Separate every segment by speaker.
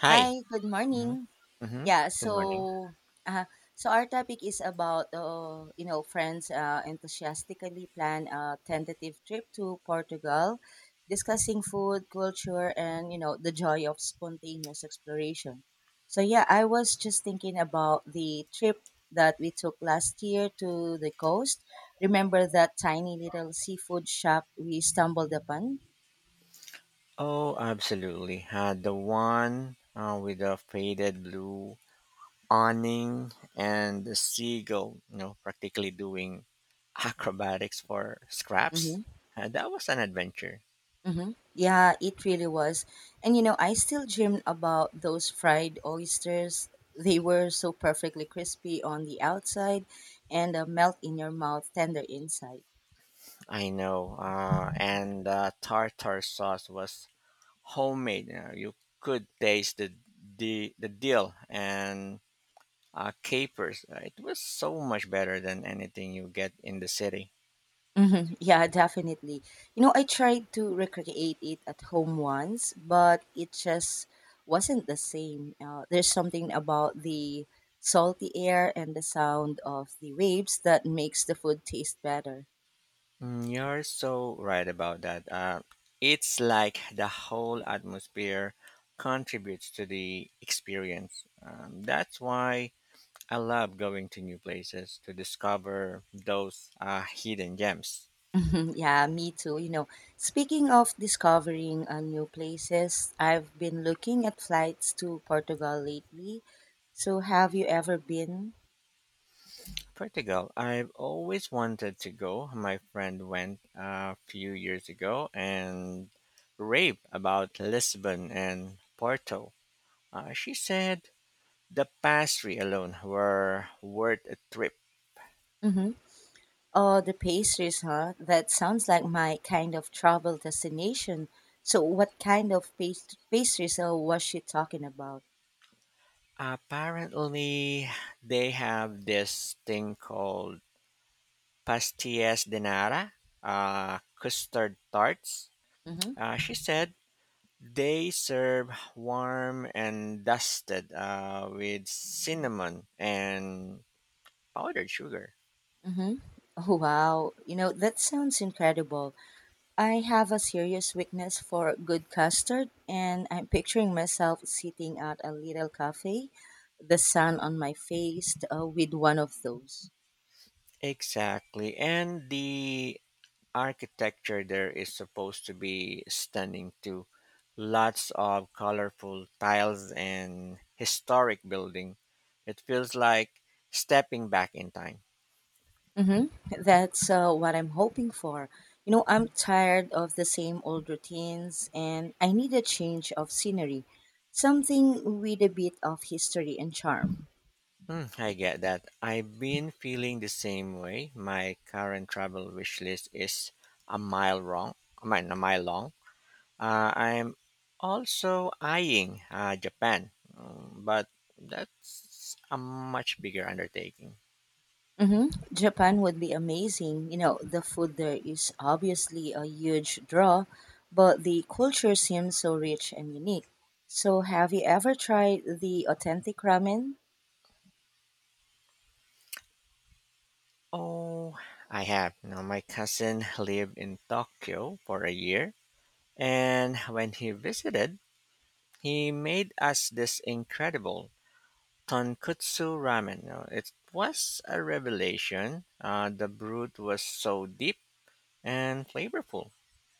Speaker 1: Hi.
Speaker 2: Hi, good
Speaker 1: Hmm.
Speaker 2: morning.
Speaker 1: Hmm.
Speaker 2: Yeah,
Speaker 1: Good morning.
Speaker 2: so uh, so our topic is about friends enthusiastically plan a tentative trip to Portugal, discussing food, culture, and the joy of spontaneous exploration. So yeah, I was just thinking about the trip that we took last year to the coast. Remember that tiny little seafood shop we stumbled upon?
Speaker 1: Oh, absolutely. The one with the faded blue awning and the seagull, practically doing acrobatics for scraps.
Speaker 2: Mm-hmm.
Speaker 1: That was an adventure.
Speaker 2: Mm-hmm. Yeah, it really was. And you know, I still dream about those fried oysters. They were so perfectly crispy on the outside and melt in your mouth, tender inside.
Speaker 1: I know. And the tartar sauce was homemade. You could taste the dill and capers. It was so much better than anything you get in the city.
Speaker 2: Mhm. Yeah, definitely. You know, I tried to recreate it at home once, but it just wasn't the same. There's something about the salty air and the sound of the waves that makes the food taste better.
Speaker 1: Mm, you're so right about that. It's like the whole atmosphere contributes to the experience. That's why I love going to new places to discover those hidden gems.
Speaker 2: Mhm. Yeah, me too. You know, speaking of discovering new places, I've been looking at flights to Portugal lately. So, have you ever been?
Speaker 1: Portugal, I've always wanted to go. My friend went a few years ago and raved about Lisbon and Porto. She said the pastry alone were worth a trip.
Speaker 2: Mm-hmm. Oh, the pastries, huh? That sounds like my kind of travel destination. So, what kind of pastries was she talking about?
Speaker 1: Apparently, they have this thing called pastillas de nata, custard tarts.
Speaker 2: Mm-hmm.
Speaker 1: She said they serve warm and dusted with cinnamon and powdered sugar.
Speaker 2: Mm-hmm. Oh, wow. You know, that sounds incredible. I have a serious weakness for good custard, and I'm picturing myself sitting at a little cafe, the sun on my face, with one of those.
Speaker 1: Exactly. And the architecture there is supposed to be stunning too. Lots of colorful tiles and historic building. It feels like stepping back in time.
Speaker 2: Mm-hmm. That's what I'm hoping for. You know, I'm tired of the same old routines and I need a change of scenery, something with a bit of history and charm.
Speaker 1: Hmm, I get that. I've been feeling the same way. My current travel wish list is a mile long. I mean, a mile long. I'm also eyeing Japan, but that's a much bigger undertaking.
Speaker 2: Mm-hmm. Japan would be amazing. You know, the food there is obviously a huge draw, but the culture seems so rich and unique. So, have you ever tried the authentic ramen?
Speaker 1: Oh, I have. My cousin lived in Tokyo for a year, and when he visited, he made us this incredible tonkutsu ramen. It was a revelation. The broth was so deep and flavorful.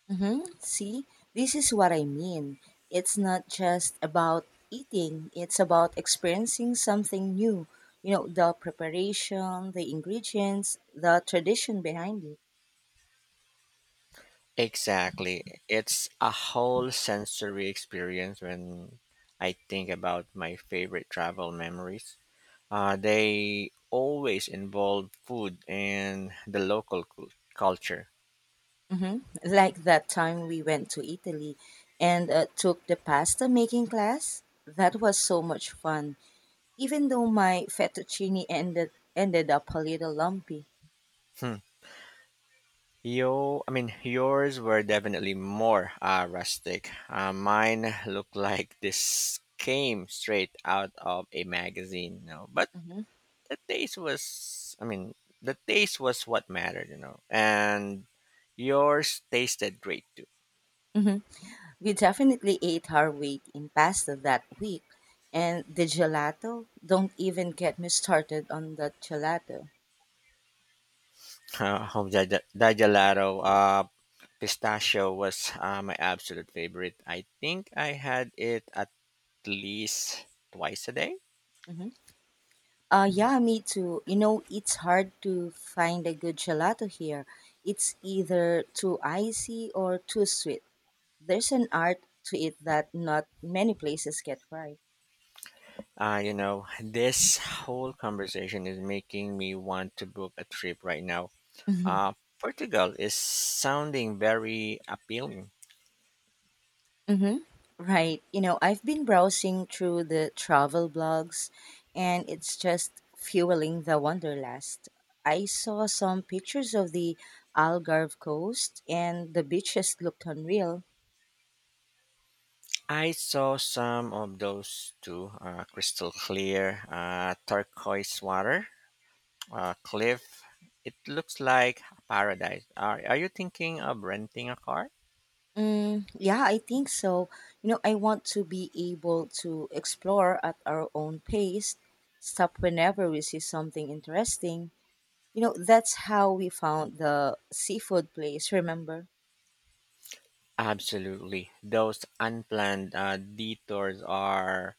Speaker 2: Mm-hmm. See, this is what I mean. It's not just about eating, it's about experiencing something new. You know, the preparation, the ingredients, the tradition behind it.
Speaker 1: Exactly. It's a whole sensory experience when I think about my favorite travel memories. They always involve food and the local culture.
Speaker 2: Mm-hmm. Like that time we went to Italy and took the pasta making class. That was so much fun, even though my fettuccine ended up a little lumpy.
Speaker 1: Hmm. Yo, I mean, yours were definitely more rustic. Mine looked like this came straight out of a magazine. But
Speaker 2: Mm-hmm.
Speaker 1: the taste was, I mean, the taste was what mattered. And yours tasted great too.
Speaker 2: Mm-hmm. We definitely ate our weight in pasta that week. And the gelato, don't even get me started on that gelato.
Speaker 1: Home Dajalato, Pistachio was my absolute favorite. I think I had it at least twice a day.
Speaker 2: Hmm. Yeah, me too. You know, it's hard to find a good gelato here. It's either too icy or too sweet. There's an art to it that not many places get right.
Speaker 1: This whole conversation is making me want to book a trip right now. Uh, Portugal is sounding very appealing.
Speaker 2: Mm-hmm. Right. You know, I've been browsing through the travel blogs and it's just fueling the wanderlust. I saw some pictures of the Algarve coast and the beaches looked unreal.
Speaker 1: I saw some of those too crystal clear, turquoise water, cliff. It looks like paradise. Are you thinking of renting a car?
Speaker 2: Mm, yeah, I think so. You know, I want to be able to explore at our own pace, stop whenever we see something interesting. You know, that's how we found the seafood place, remember?
Speaker 1: Absolutely. Those unplanned detours are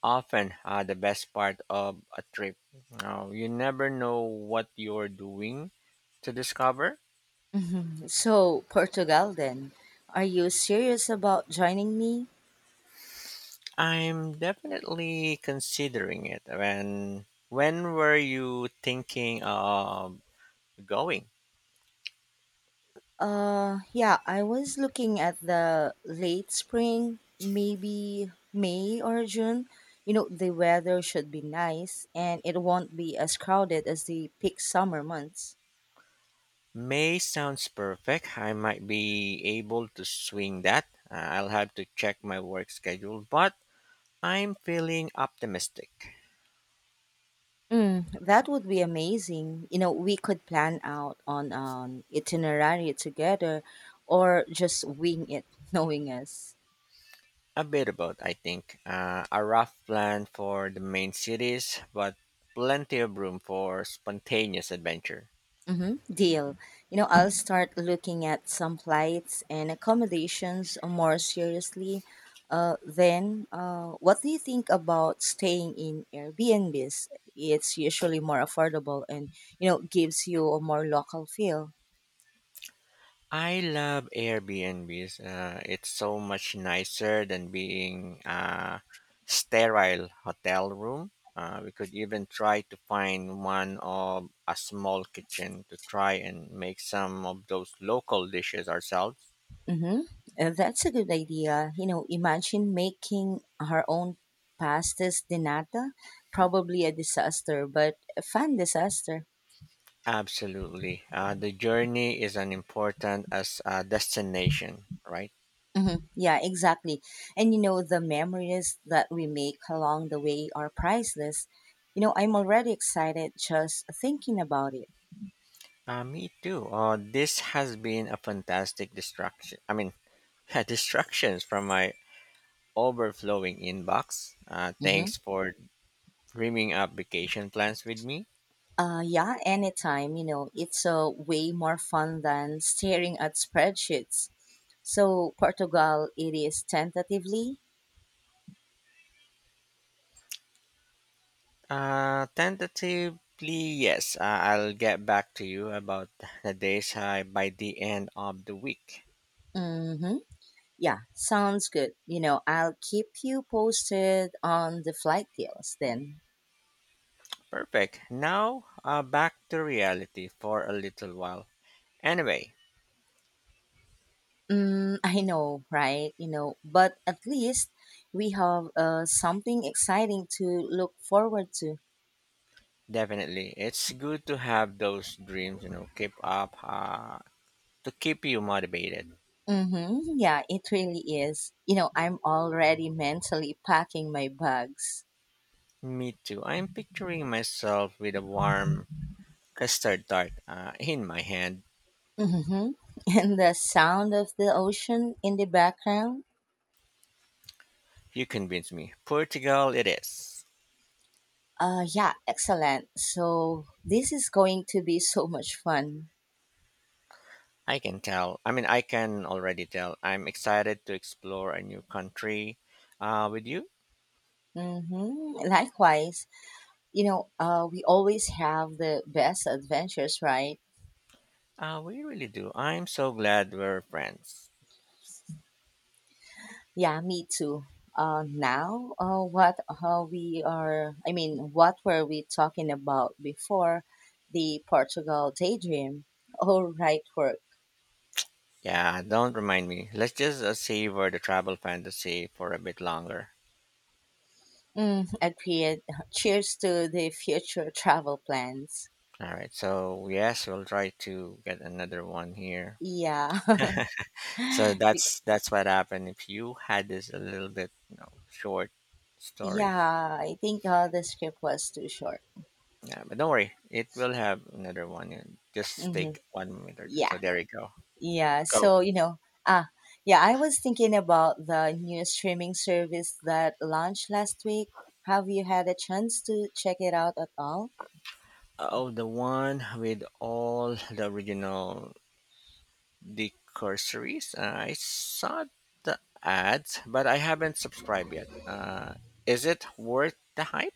Speaker 1: often the best part of a trip. Now, you never know what you're doing to discover.
Speaker 2: Mhm. So, Portugal then. Are you serious about joining me?
Speaker 1: I'm definitely considering it. When were you thinking of going?
Speaker 2: Yeah, I was looking at the late spring, maybe May or June. You know, the weather should be nice and it won't be as crowded as the peak summer months.
Speaker 1: May sounds perfect. I might be able to swing that. I'll have to check my work schedule, but I'm feeling optimistic.
Speaker 2: Mm, that would be amazing. You know, we could plan out on an itinerary together or just wing it, knowing us.
Speaker 1: A bit of both, I think. A rough plan for the main cities, but plenty of room for spontaneous adventure.
Speaker 2: Mm-hmm. Deal. You know, I'll start looking at some flights and accommodations more seriously. Then, what do you think about staying in Airbnbs? It's usually more affordable and, you know, gives you a more local feel.
Speaker 1: I love Airbnbs. It's so much nicer than being a sterile hotel room. We could even try to find one of a small kitchen to try and make some of those local dishes ourselves.
Speaker 2: Mm-hmm. That's a good idea. You know, imagine making her own pastas de nata. Probably a disaster, but a fun disaster.
Speaker 1: Absolutely. The journey is as important as a destination, right?
Speaker 2: Hmm. Yeah, exactly. And you know, the memories that we make along the way are priceless. You know, I'm already excited just thinking about it.
Speaker 1: Me too. This has been a fantastic distraction. I mean, distractions from my overflowing inbox.
Speaker 2: Hmm.
Speaker 1: Thanks for dreaming up vacation plans with me.
Speaker 2: Yeah, anytime. You know, it's way more fun than staring at spreadsheets. So, Portugal, it is tentatively.
Speaker 1: Tentatively, yes. I'll get back to you about the days by the end of the week.
Speaker 2: Hmm. Yeah, sounds good. You know, I'll keep you posted on the flight deals then.
Speaker 1: Perfect. Now, back to reality for a little while. Anyway,
Speaker 2: Mm, I know, right? You know, but at least we have something exciting to look forward to.
Speaker 1: definitely, it's good to have those dreams. Keep up. To keep you motivated.
Speaker 2: Mm-hmm. Yeah, it really is. You know, I'm already mentally packing my bags.
Speaker 1: Me too. I'm picturing myself with a warm custard tart in my hand.
Speaker 2: Mm-hmm. And the sound of the ocean in the background.
Speaker 1: You convinced me. Portugal, it is.
Speaker 2: Yeah, excellent. So this is going to be so much fun.
Speaker 1: I can tell. I mean, I can already tell. I'm excited to explore a new country with you.
Speaker 2: Mm-hmm. Likewise, we always have the best adventures, right?
Speaker 1: We really do. I'm so glad we're friends.
Speaker 2: Yeah, me too. Now, what we are, I mean, what were we talking about before the Portugal daydream? All right, work.
Speaker 1: Yeah, don't remind me. Let's just savor the travel fantasy for a bit longer.
Speaker 2: Mm, agreed. Cheers to the future travel plans.
Speaker 1: All right. So, yes, we'll try to get another one here.
Speaker 2: Yeah.
Speaker 1: So
Speaker 2: Be-
Speaker 1: that's what happened. If you had this a little bit, short story,
Speaker 2: yeah, I think the script was too short.
Speaker 1: yeah, but don't worry, it will have another one. And just
Speaker 2: Hmm.
Speaker 1: take 1 minute or two.
Speaker 2: Yeah.
Speaker 1: So there you go.
Speaker 2: Yeah,
Speaker 1: Go.
Speaker 2: so you know, ah, yeah, I was thinking about the new streaming service that launched last week. Have you had a chance to check it out at all?
Speaker 1: Oh, the one with all the original. The I saw the ads, but I haven't subscribed yet. Is it worth the hype?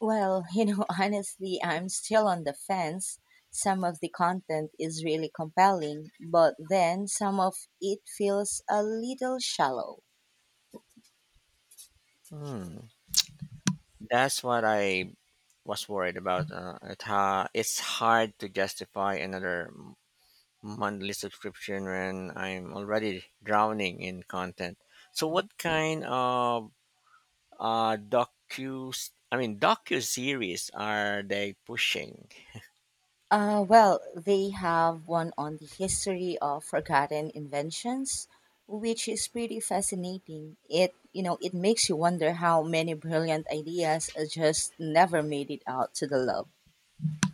Speaker 2: Well, you know, honestly, I'm still on the fence. Some of the content is really compelling, but then some of it feels a little shallow.
Speaker 1: Hmm. That's what I was worried about. It's hard to justify another monthly subscription when I'm already drowning in content. So
Speaker 2: Mhm.
Speaker 1: what kind of docu, I mean, docu series are they pushing?
Speaker 2: Well, they have one on the history of forgotten inventions, which is pretty fascinating. It you know it makes you wonder how many brilliant ideas just never made it out to the lab.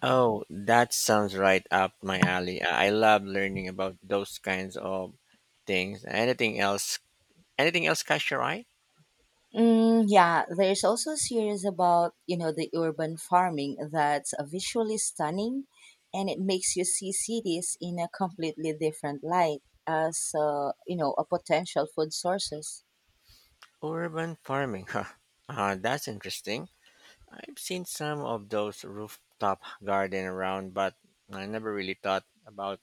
Speaker 1: Oh, that sounds right up my alley. I love learning about those kinds of things. Anything else? Anything else catch your eye?
Speaker 2: Mm, yeah, there's also a series about, you know, the urban farming that's visually stunning and it makes you see cities in a completely different light as, you know, a potential food sources.
Speaker 1: Urban farming, huh? That's interesting. I've seen some of those rooftop garden around, but I never really thought about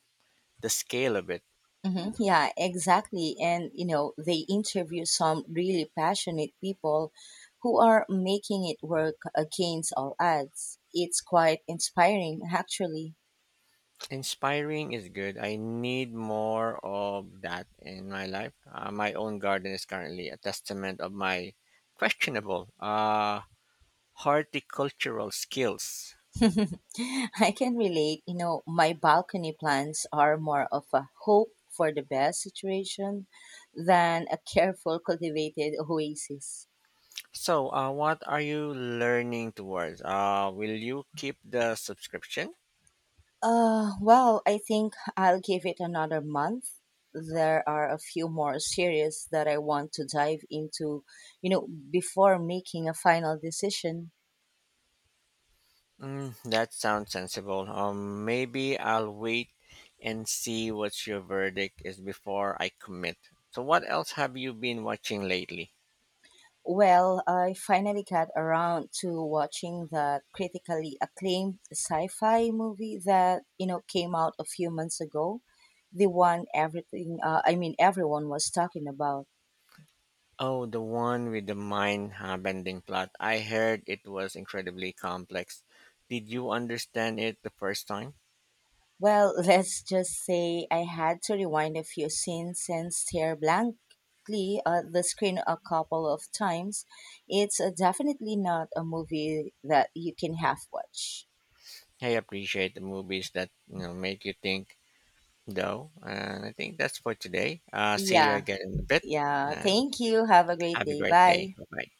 Speaker 1: the scale of it.
Speaker 2: Hmm. Yeah, exactly. And, you know, they interview some really passionate people who are making it work against all odds. It's quite inspiring, actually.
Speaker 1: Inspiring is good. I need more of that in my life. My own garden is currently a testament of my questionable horticultural skills.
Speaker 2: I can relate. You know, my balcony plants are more of a hope for the best situation than a careful cultivated oasis.
Speaker 1: So, what are you learning towards? Will you keep the subscription?
Speaker 2: Well, I think I'll give it another month. There are a few more series that I want to dive into, you know, before making a final decision.
Speaker 1: Mm, that sounds sensible. Maybe I'll wait and see what your verdict is before I commit. So, what else have you been watching lately?
Speaker 2: Well, I finally got around to watching the critically acclaimed sci-fi movie that, you know, came out a few months ago. The one everything I mean everyone was talking about.
Speaker 1: Oh, the one with the mind bending plot. I heard it was incredibly complex. Did you understand it the first time?
Speaker 2: Well, let's just say I had to rewind a few scenes and stare blankly at the screen a couple of times. It's definitely not a movie that you can half watch.
Speaker 1: I appreciate the movies that make you think, though. And I think that's for today. See you
Speaker 2: Yeah,
Speaker 1: again in a bit,
Speaker 2: yeah.
Speaker 1: and
Speaker 2: Thank you. Have a great
Speaker 1: have a
Speaker 2: day.
Speaker 1: great day.
Speaker 2: Bye.
Speaker 1: Bye. Bye.